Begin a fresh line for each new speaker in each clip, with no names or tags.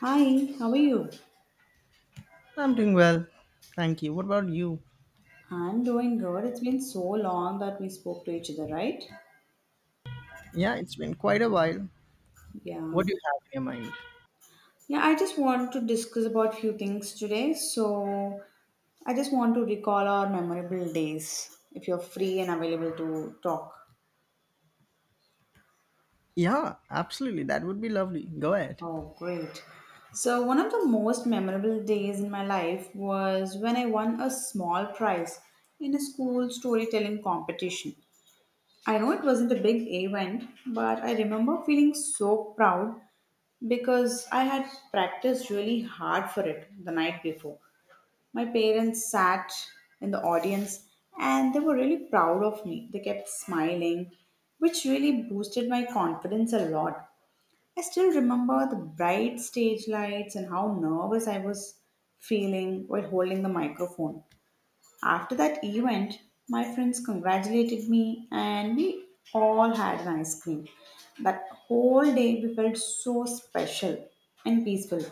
Hi, how are you?
I'm doing well. Thank you. What about you?
I'm doing good. It's been so long that we spoke to each other, right?
Yeah, it's been quite a while.
Yeah.
What do you have in your mind?
Yeah, I just want to discuss about few things today. So, I just want to recall our memorable days if you're free and available to talk.
Yeah, absolutely. That would be lovely. Go ahead.
Oh, great. So, one of the most memorable days in my life was when I won a small prize in a school storytelling competition. I know it wasn't a big event, but I remember feeling so proud because I had practiced really hard for it the night before. My parents sat in the audience and they were really proud of me. They kept smiling, which really boosted my confidence a lot. I still remember the bright stage lights and how nervous I was feeling while holding the microphone. After that event, my friends congratulated me and we all had an ice cream. That whole day we felt so special and peaceful.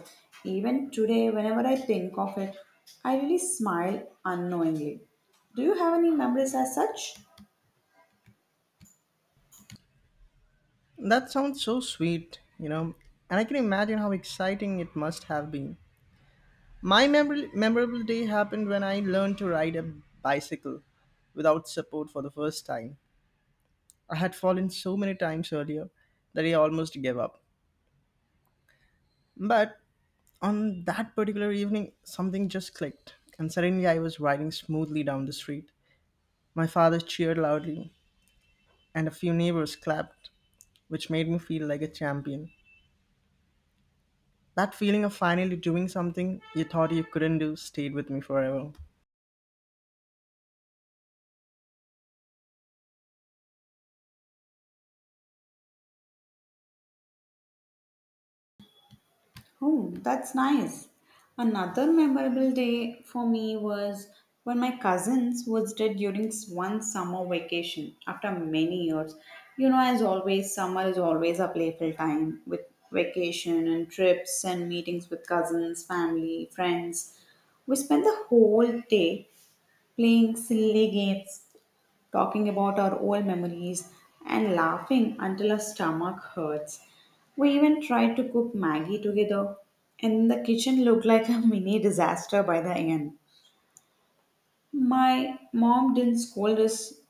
Even today, whenever I think of it, I really smile unknowingly. Do you have any memories as such?
That sounds so sweet, you know, and I can imagine how exciting it must have been. My memorable day happened when I learned to ride a bicycle without support for the first time. I had fallen so many times earlier that I almost gave up. But on that particular evening, something just clicked, and suddenly I was riding smoothly down the street. My father cheered loudly, and a few neighbors clapped, which made me feel like a champion. That feeling of finally doing something you thought you couldn't do stayed with me forever.
Oh, that's nice. Another memorable day for me was when my cousins visited during one summer vacation after many years. You know, as always, summer is always a playful time with vacation and trips and meetings with cousins, family, friends. We spent the whole day playing silly games talking about our old memories, and laughing until our stomach hurts. We even tried to cook Maggie together, and the kitchen looked like a mini disaster by the end. My mom didn't scold us,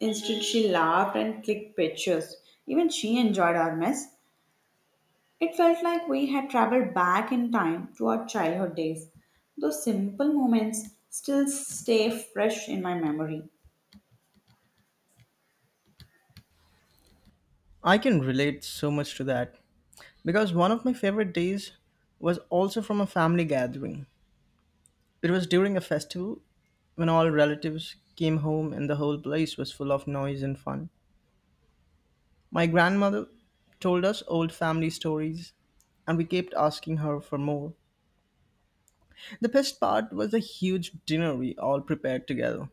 instead, she laughed and clicked pictures. Even she enjoyed our mess. It felt like we had traveled back in time to our childhood days. Those simple moments still stay fresh in my memory.
I can relate so much to that because one of my favorite days was also from a family gathering. It was during a festival when all relatives came home and the whole place was full of noise and fun. My grandmother told us old family stories, and we kept asking her for more. The best part was the huge dinner we all prepared together.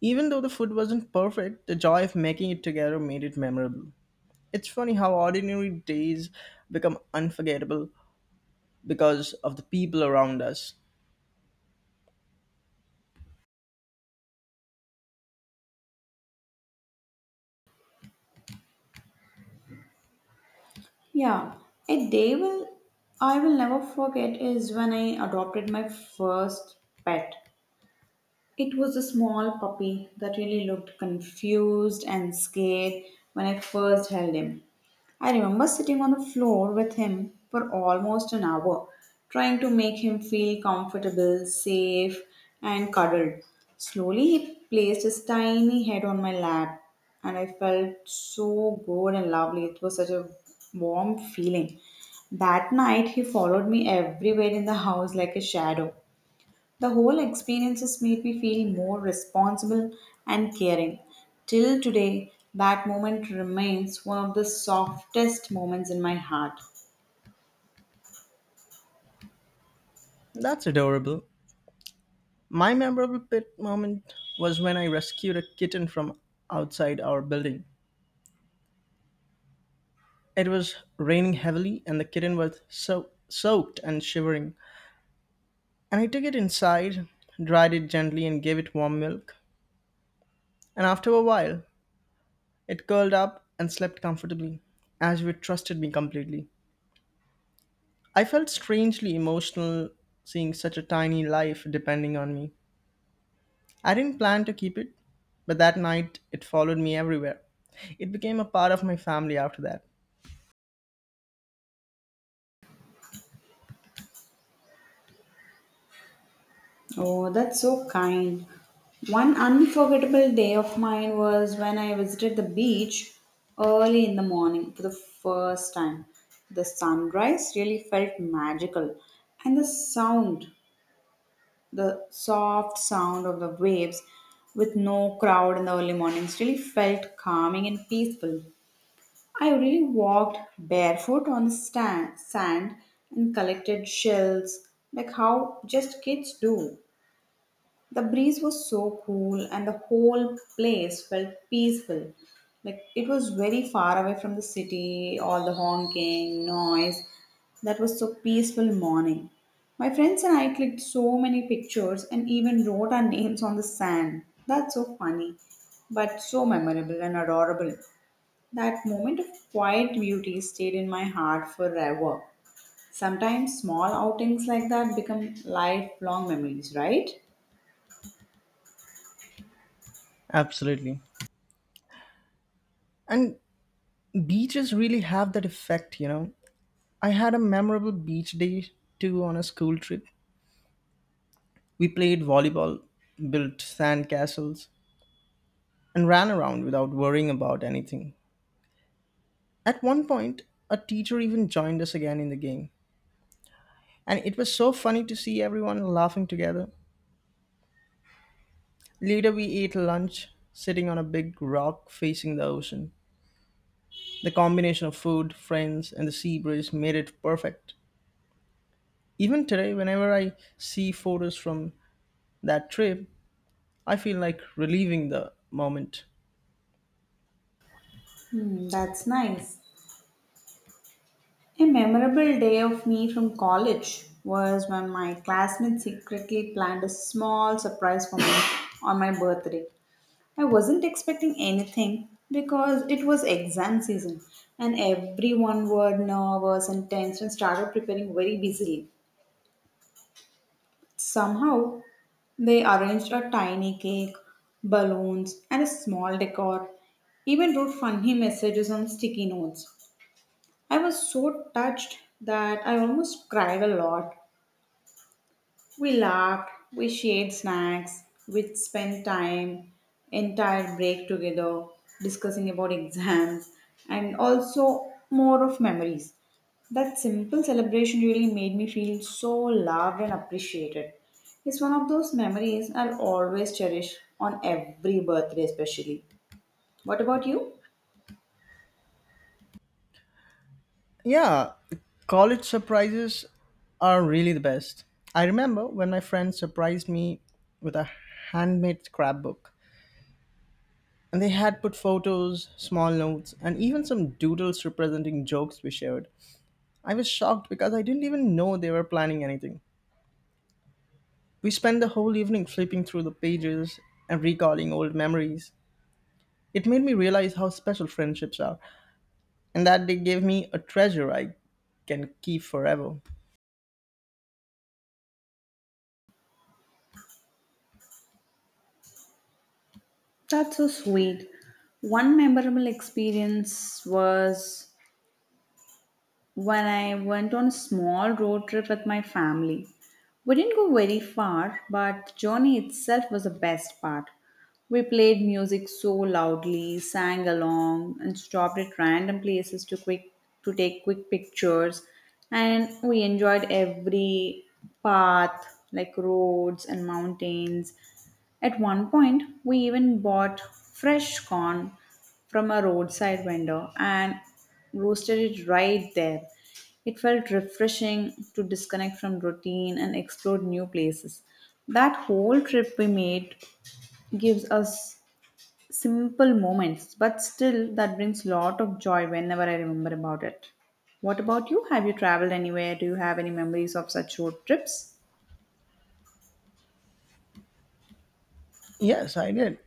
Even though the food wasn't perfect, the joy of making it together made it memorable. It's funny how ordinary days become unforgettable because of the people around us.
Yeah, a day will I will never forget is when I adopted my first pet. It was a small puppy that really looked confused and scared when I first held him. I remember sitting on the floor with him for almost an hour, trying to make him feel comfortable, safe, and cuddled. Slowly, he placed his tiny head on my lap, and I felt so good and lovely. It was such a warm feeling. That night, he followed me everywhere in the house like a shadow. The whole experiences made me feel more responsible and caring. Till today, that moment remains one of the softest moments in my heart.
That's adorable. My memorable pet moment was when I rescued a kitten from outside our building. It was raining heavily, and the kitten was so soaked and shivering. And I took it inside, dried it gently, and gave it warm milk. And after a while, it curled up and slept comfortably, as if it trusted me completely. I felt strangely emotional seeing such a tiny life depending on me. I didn't plan to keep it, but that night it followed me everywhere. It became a part of my family after that.
Oh, that's so kind. One unforgettable day of mine was when I visited the beach early in the morning for the first time. The sunrise really felt magical, and the soft sound of the waves with no crowd in the early mornings really felt calming and peaceful. I really walked barefoot on the sand and collected shells like how just kids do. The breeze was so cool, and the whole place felt peaceful. Like it was very far away from the city, all the honking, noise. That was so peaceful morning. My friends and I clicked so many pictures and even wrote our names on the sand. That's so funny, but so memorable and adorable. That moment of quiet beauty stayed in my heart forever. Sometimes small outings like that become lifelong memories, right?
Absolutely. And beaches really have that effect, you know. I had a memorable beach day too on a school trip. We played volleyball, built sand castles, and ran around without worrying about anything. At one point, a teacher even joined us again in the game, and it was so funny to see everyone laughing together. Later, we ate lunch sitting on a big rock facing the ocean. The combination of food, friends, and the sea breeze made it perfect. Even today, whenever I see photos from that trip, I feel like reliving the moment.
Hmm, that's nice. A memorable day of me from college was when my classmates secretly planned a small surprise for me on my birthday. I wasn't expecting anything because it was exam season and everyone were nervous and tense and started preparing very busily. Somehow, they arranged a tiny cake, balloons, and a small decor, even wrote funny messages on sticky notes. I was so touched that I almost cried a lot. We laughed, we shared snacks, we spent time, entire break together, discussing about exams and also more of memories. That simple celebration really made me feel so loved and appreciated. It's one of those memories I'll always cherish on every birthday, especially. What about you?
Yeah, college surprises are really the best. I remember when my friend surprised me with a handmade scrapbook, and they had put photos, small notes, and even some doodles representing jokes we shared. I was shocked because I didn't even know they were planning anything. We spent the whole evening flipping through the pages and recalling old memories. It made me realize how special friendships are, and that they gave me a treasure I can keep forever.
That's so sweet. One memorable experience was when I went on a small road trip with my family. We didn't go very far, but the journey itself was the best part. We played music so loudly, sang along, and stopped at random places to quick to take quick pictures. And we enjoyed every path, like roads and mountains. At one point, we even bought fresh corn from a roadside vendor and roasted it right there. It felt refreshing to disconnect from routine and explore new places. That whole trip we made gives us simple moments, but still that brings lot of joy whenever I remember about it. What about you? Have you traveled anywhere? Do you have any memories of such road trips?
Yes, I did.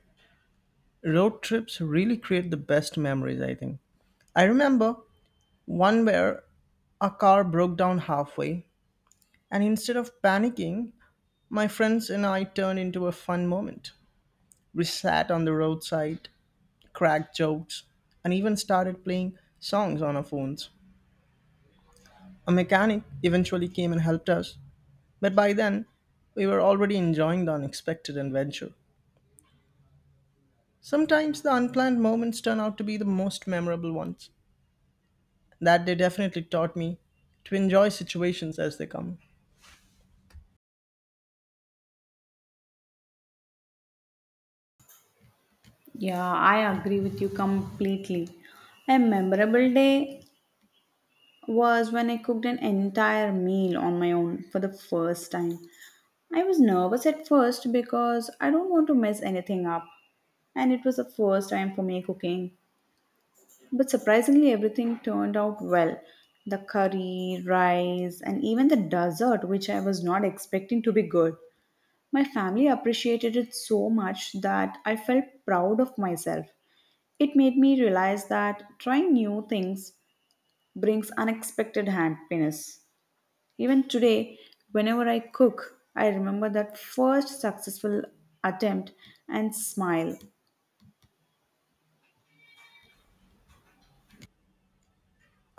Road trips really create the best memories, I think. I remember one where a car broke down halfway, and instead of panicking, my friends and I turned into a fun moment. We sat on the roadside, cracked jokes, and even started playing songs on our phones. A mechanic eventually came and helped us, but by then, we were already enjoying the unexpected adventure. Sometimes the unplanned moments turn out to be the most memorable ones. That they definitely taught me to enjoy situations as they come.
Yeah, I agree with you completely. A memorable day was when I cooked an entire meal on my own for the first time. I was nervous at first because I don't want to mess anything up, and it was the first time for me cooking. But surprisingly, everything turned out well. The curry, rice, and even the dessert, which I was not expecting to be good. My family appreciated it so much that I felt proud of myself. It made me realize that trying new things brings unexpected happiness. Even today, whenever I cook, I remember that first successful attempt and smile.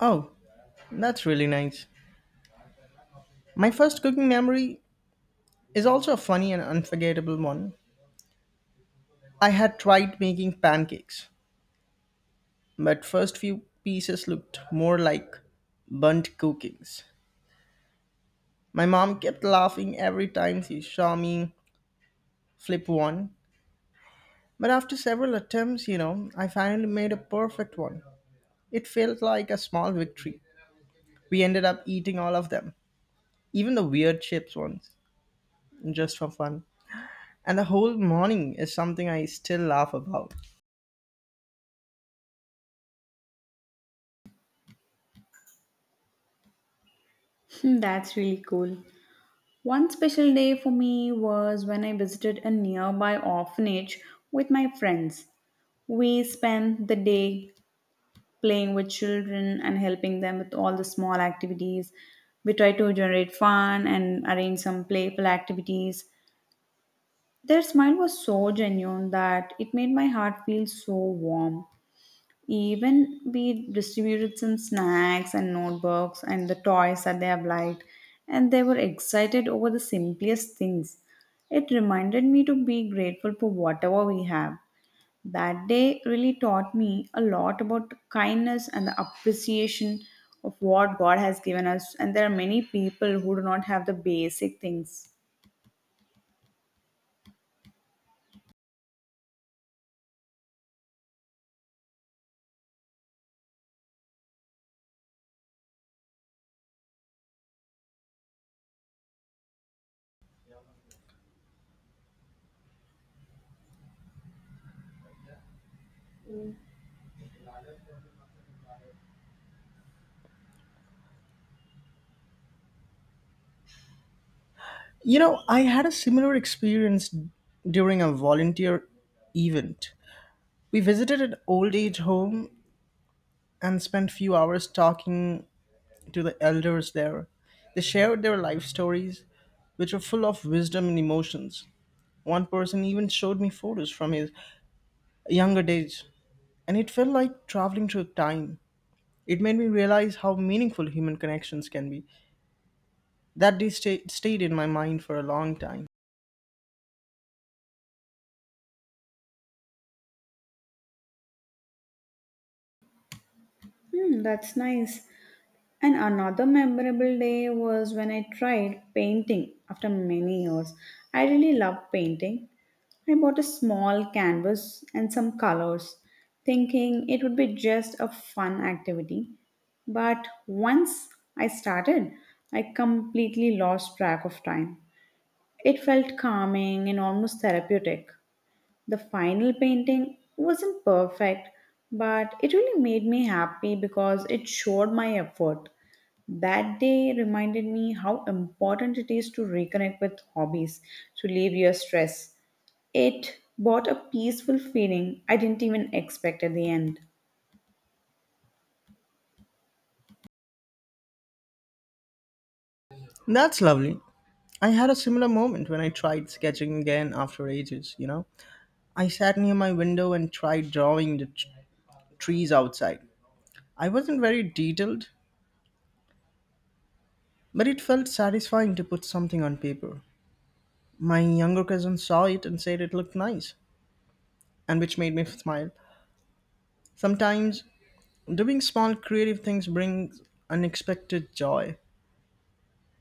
Oh, that's really nice. My first cooking memory is also a funny and unforgettable one. I had tried making pancakes, but first few pieces looked more like burnt cookies. My mom kept laughing every time she saw me flip one, but after several attempts, you know, I finally made a perfect one. It felt like a small victory. We ended up eating all of them, even the weird chips ones, just for fun. And the whole morning is something I still laugh about.
Hmm, that's really cool. One special day for me was when I visited a nearby orphanage with my friends. We spent the day playing with children and helping them with all the small activities. We tried to generate fun and arrange some playful activities. Their smile was so genuine that it made my heart feel so warm. Even we distributed some snacks and notebooks and the toys that they have liked, and they were excited over the simplest things. It reminded me to be grateful for whatever we have. That day really taught me a lot about kindness and the appreciation of what God has given us, and there are many people who do not have the basic things.
You know, I had a similar experience during a volunteer event. We visited an old age home and spent few hours talking to the elders there. They shared their life stories, which were full of wisdom and emotions. One person even showed me photos from his younger days, and it felt like traveling through time. It made me realize how meaningful human connections can be. That day stayed in my mind for a long time.
Hmm, that's nice. And another memorable day was when I tried painting after many years. I really love painting. I bought a small canvas and some colors, thinking it would be just a fun activity. But once I started, I completely lost track of time. It felt calming and almost therapeutic. The final painting wasn't perfect, but it really made me happy because it showed my effort. That day reminded me how important it is to reconnect with hobbies to relieve your stress. It brought a peaceful feeling I didn't even expect at the end.
That's lovely. I had a similar moment when I tried sketching again after ages, you know. I sat near my window and tried drawing the trees outside. I wasn't very detailed, but it felt satisfying to put something on paper. My younger cousin saw it and said it looked nice, and which made me smile. Sometimes doing small creative things brings unexpected joy.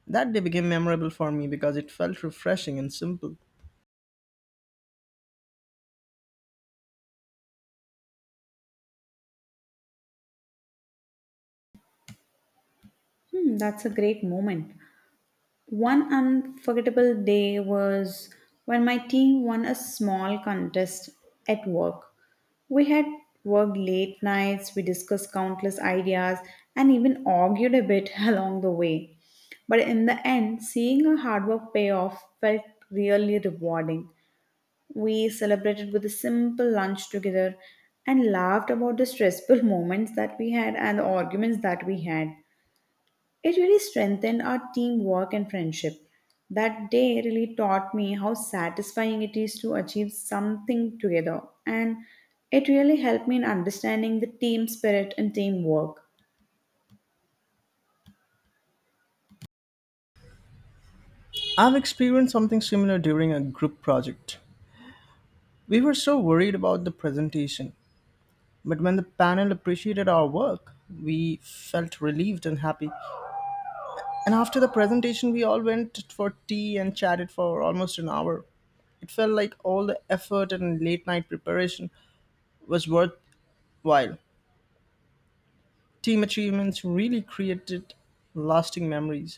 That day became memorable for me because it felt refreshing and simple.
Hmm, that's a great moment. One unforgettable day was when my team won a small contest at work. We had worked late nights, we discussed countless ideas, and even argued a bit along the way. But in the end, seeing our hard work pay off felt really rewarding. We celebrated with a simple lunch together and laughed about the stressful moments that we had and the arguments that we had. It really strengthened our teamwork and friendship. That day really taught me how satisfying it is to achieve something together, and it really helped me in understanding the team spirit and teamwork.
I've experienced something similar during a group project. We were so worried about the presentation, but when the panel appreciated our work, we felt relieved and happy. And after the presentation, we all went for tea and chatted for almost an hour. It felt like all the effort and late night preparation was worthwhile. Team achievements really created lasting memories,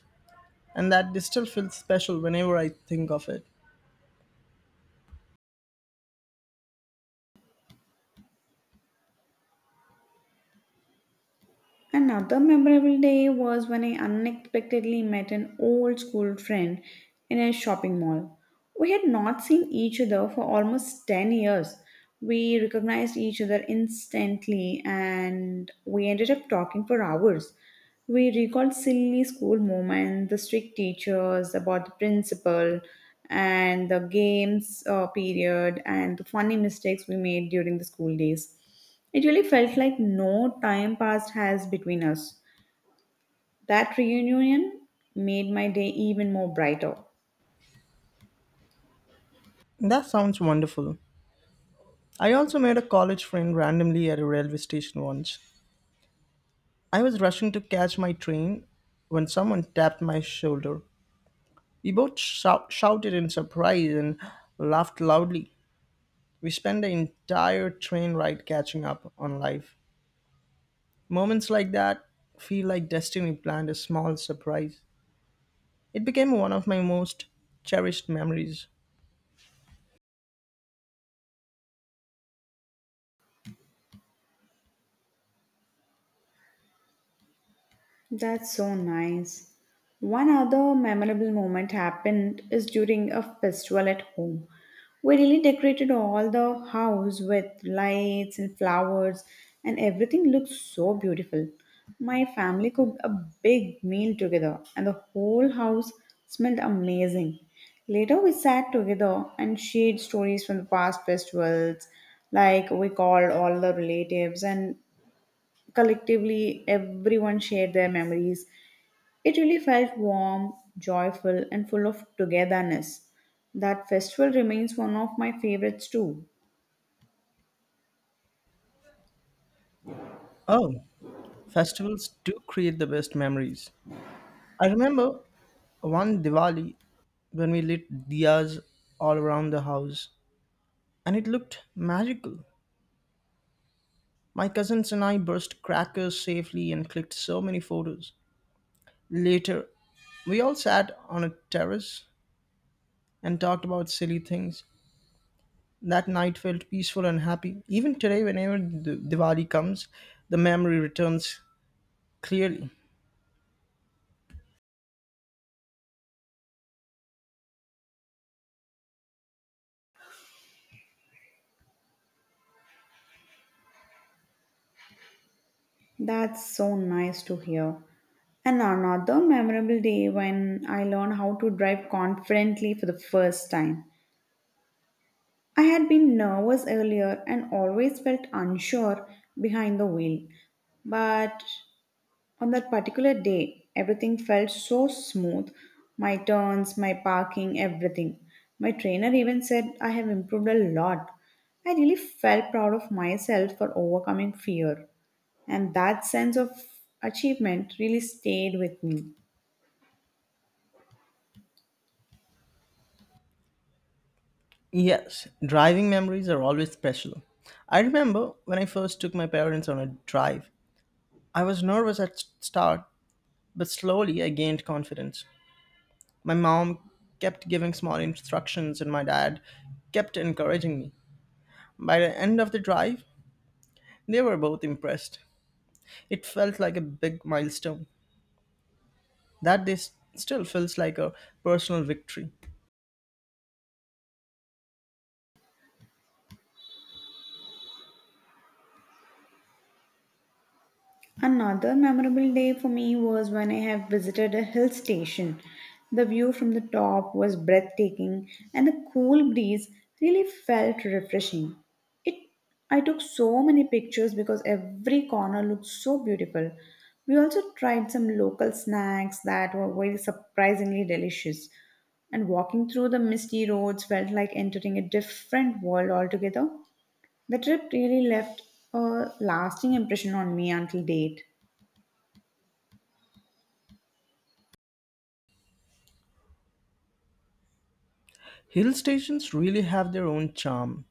and that still feels special whenever I think of it.
Another memorable day was when I unexpectedly met an old school friend in a shopping mall. We had not seen each other for almost 10 years. We recognized each other instantly and we ended up talking for hours. We recalled silly school moments, the strict teachers, about the principal, and the games period, and the funny mistakes we made during the school days. It really felt like no time passed has between us. That reunion made my day even more brighter.
That sounds wonderful. I also made a college friend randomly at a railway station once. I was rushing to catch my train when someone tapped my shoulder. We both shouted in surprise and laughed loudly. We spent the entire train ride catching up on life. Moments like that feel like destiny planned a small surprise. It became one of my most cherished memories.
That's so nice. One other memorable moment happened is during a festival at home. We really decorated all the house with lights and flowers, and everything looked so beautiful. My family cooked a big meal together, and the whole house smelled amazing. Later, we sat together and shared stories from the past festivals, like we called all the relatives and collectively everyone shared their memories it really felt warm, joyful, and full of togetherness. That festival remains one of my favorites too.
Oh, festivals do create the best memories. I remember one Diwali when we lit diyas all around the house and it looked magical. My cousins and I burst crackers safely and clicked so many photos. Later, we all sat on a terrace and talked about silly things. That night felt peaceful and happy. Even today, whenever the Diwali comes, the memory returns clearly.
That's so nice to hear. And another memorable day when I learned how to drive confidently for the first time. I had been nervous earlier and always felt unsure behind the wheel. But on that particular day, everything felt so smooth my turns, my parking, everything. My trainer even said I have improved a lot. I really felt proud of myself for overcoming fear, and that sense of achievement really stayed with me.
Yes, driving memories are always special. I remember when I first took my parents on a drive. I was nervous at start, but slowly I gained confidence. My mom kept giving small instructions and my dad kept encouraging me. By the end of the drive, they were both impressed. It felt like a big milestone. That this still feels like a personal victory.
Another memorable day for me was when I have visited a hill station. The view from the top was breathtaking and the cool breeze really felt refreshing. It I took so many pictures because every corner looked so beautiful. We also tried some local snacks that were very surprisingly delicious. And walking through the misty roads felt like entering a different world altogether. The trip really left a lasting impression on me until date.
Hill stations really have their own charm.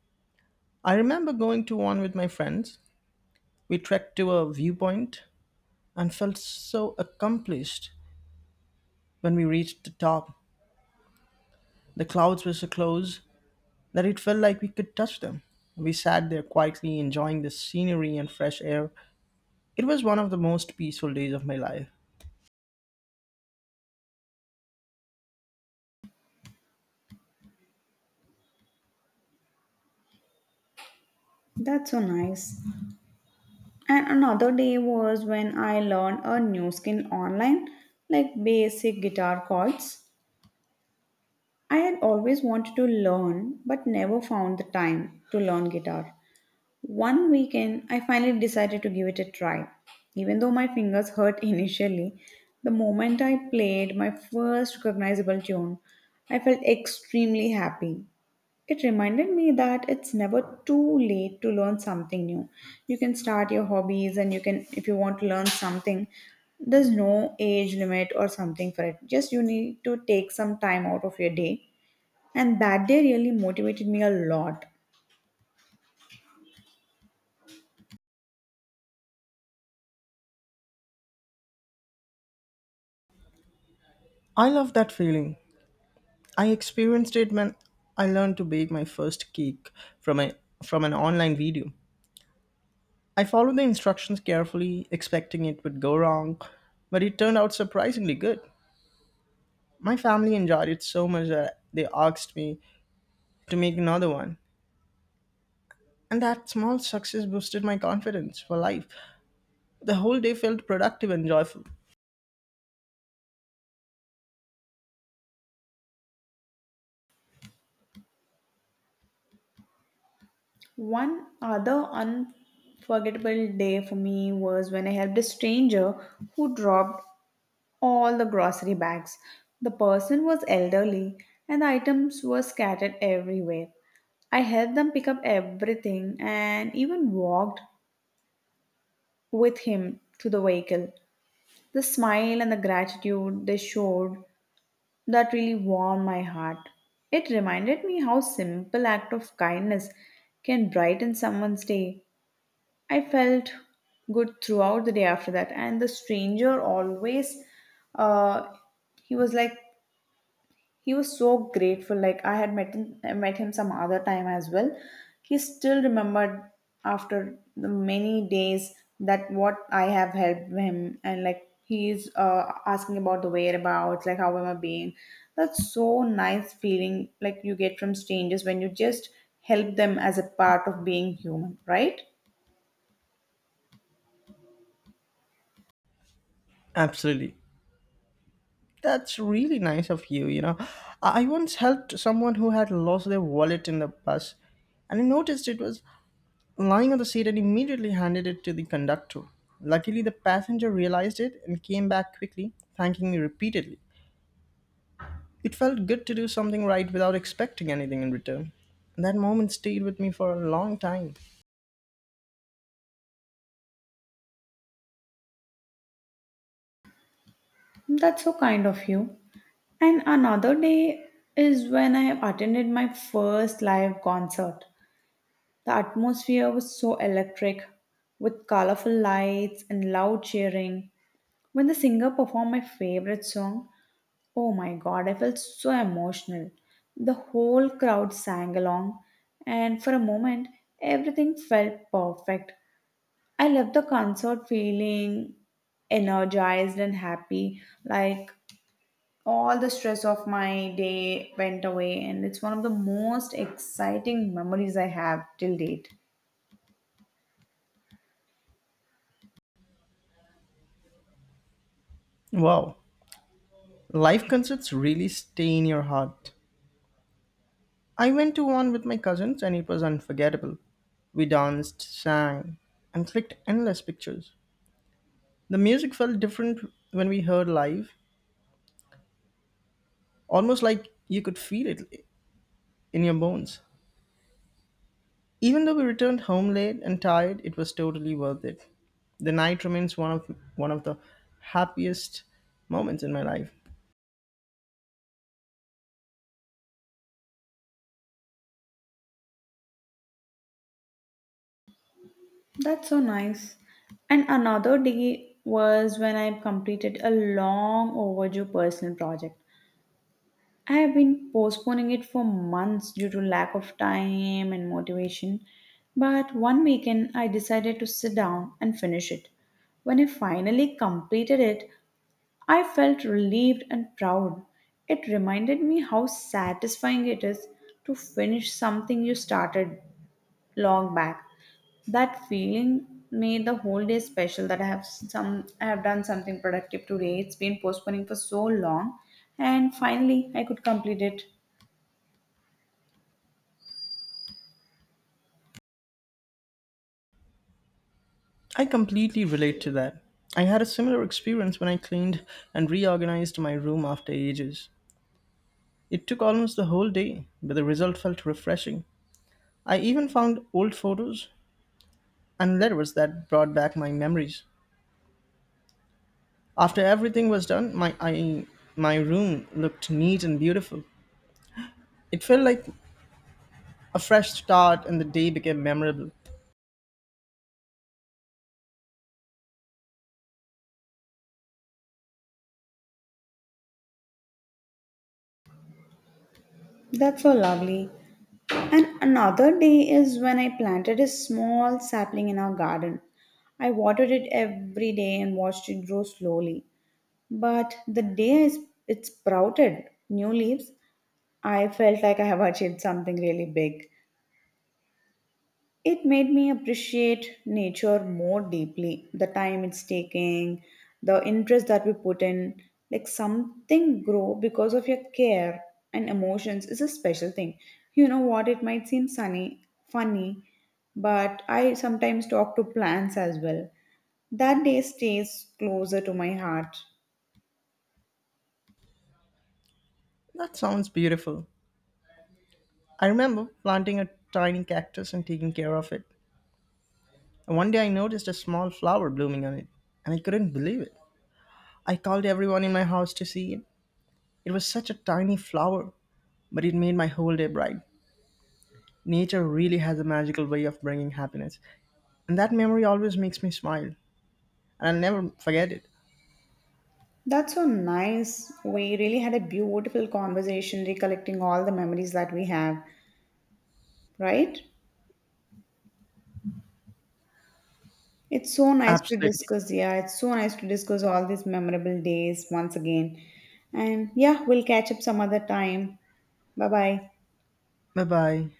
I remember going to one with my friends. We trekked to a viewpoint and felt so accomplished when we reached the top. The clouds were so close that it felt like we could touch them. We sat there quietly enjoying the scenery and fresh air. It was one of the most peaceful days of my life.
That's so nice. And another day was when I learned a new skill online, like basic guitar chords. I had always wanted to learn but never found the time to learn guitar. One weekend, I finally decided to give it a try. Even though my fingers hurt initially, the moment I played my first recognizable tune, I felt extremely happy. It reminded me that it's never too late to learn something new. You can start your hobbies, and you can, if you want to learn something, there's no age limit or something for it. Just you need to take some time out of your day. And that day really motivated me a lot.
I love that feeling. I experienced it when I learned to bake my first cake from a from an online video. I followed the instructions carefully, expecting it would go wrong, but it turned out surprisingly good. My family enjoyed it so much that they asked me to make another one. And that small success boosted my confidence for life. The whole day felt productive and joyful.
One other unforgettable day for me was when I helped a stranger who dropped all the grocery bags. The person was elderly and the items were scattered everywhere. I helped them pick up everything and even walked with him to the vehicle. The smile and the gratitude they showed that really warmed my heart. It reminded me how simple act of kindness can brighten someone's day. I felt good throughout the day after that. And the stranger always, uh, he was like, he was so grateful. Like I had met him some other time as well. He still remembered after the many days that what I have helped him, and like he's asking about the whereabouts, like how am I being. That's so nice feeling like you get from strangers when you just help them as a part of being human, right?
Absolutely. That's really nice of you, you know. I once helped someone who had lost their wallet in the bus and I noticed it was lying on the seat and immediately handed it to the conductor. Luckily the passenger realized it and came back quickly, thanking me repeatedly. It felt good to do something right without expecting anything in return. That moment stayed with me for a long time.
That's so kind of you. And another day is when I attended my first live concert. The atmosphere was so electric with colorful lights and loud cheering. When the singer performed my favorite song, oh my god, I felt so emotional. The whole crowd sang along, and for a moment, everything felt perfect. I left the concert feeling energized and happy, like all the stress of my day went away, and it's one of the most exciting memories I have till date.
Wow. Life concepts really stay in your heart. I went to one with my cousins and it was unforgettable. We danced, sang, and clicked endless pictures. The music felt different when we heard live, almost like you could feel it in your bones. Even though we returned home late and tired, it was totally worth it. The night remains one of the happiest moments in my life.
That's so nice. And another day was when I completed a long overdue personal project. I have been postponing it for months due to lack of time and motivation, but one weekend I decided to sit down and finish it. When I finally completed it, I felt relieved and proud. It reminded me how satisfying it is to finish something you started long back. That feeling made the whole day special, that I have some, I have done something productive today. It's been postponing for so long and finally I could complete it.
I completely relate to that. I had a similar experience when I cleaned and reorganized my room after ages. It took almost the whole day, but the result felt refreshing. I even found old photos and letters that brought back my memories. After everything was done, my room looked neat and beautiful. It felt like a fresh start and the day became memorable.
That's so lovely. And another day is when I planted a small sapling in our garden. I watered it every day and watched it grow slowly. But the day it sprouted new leaves, I felt like I have achieved something really big. It made me appreciate nature more deeply, the time it's taking, the interest that we put in. Like something grow because of your care and emotions is a special thing. You know what? It might seem sunny, funny, but I sometimes talk to plants as well. That day stays closer to my heart.
That sounds beautiful. I remember planting a tiny cactus and taking care of it. And one day I noticed a small flower blooming on it, and I couldn't believe it. I called everyone in my house to see it. It was such a tiny flower, but it made my whole day bright. Nature really has a magical way of bringing happiness, and that memory always makes me smile, and I'll never forget it.
That's so nice. We really had a beautiful conversation recollecting all the memories that we have, right? It's so nice to
Absolutely.
discuss. Yeah, it's so nice to discuss all these memorable days once again. And yeah, we'll catch up some other time. Bye bye.
Bye bye.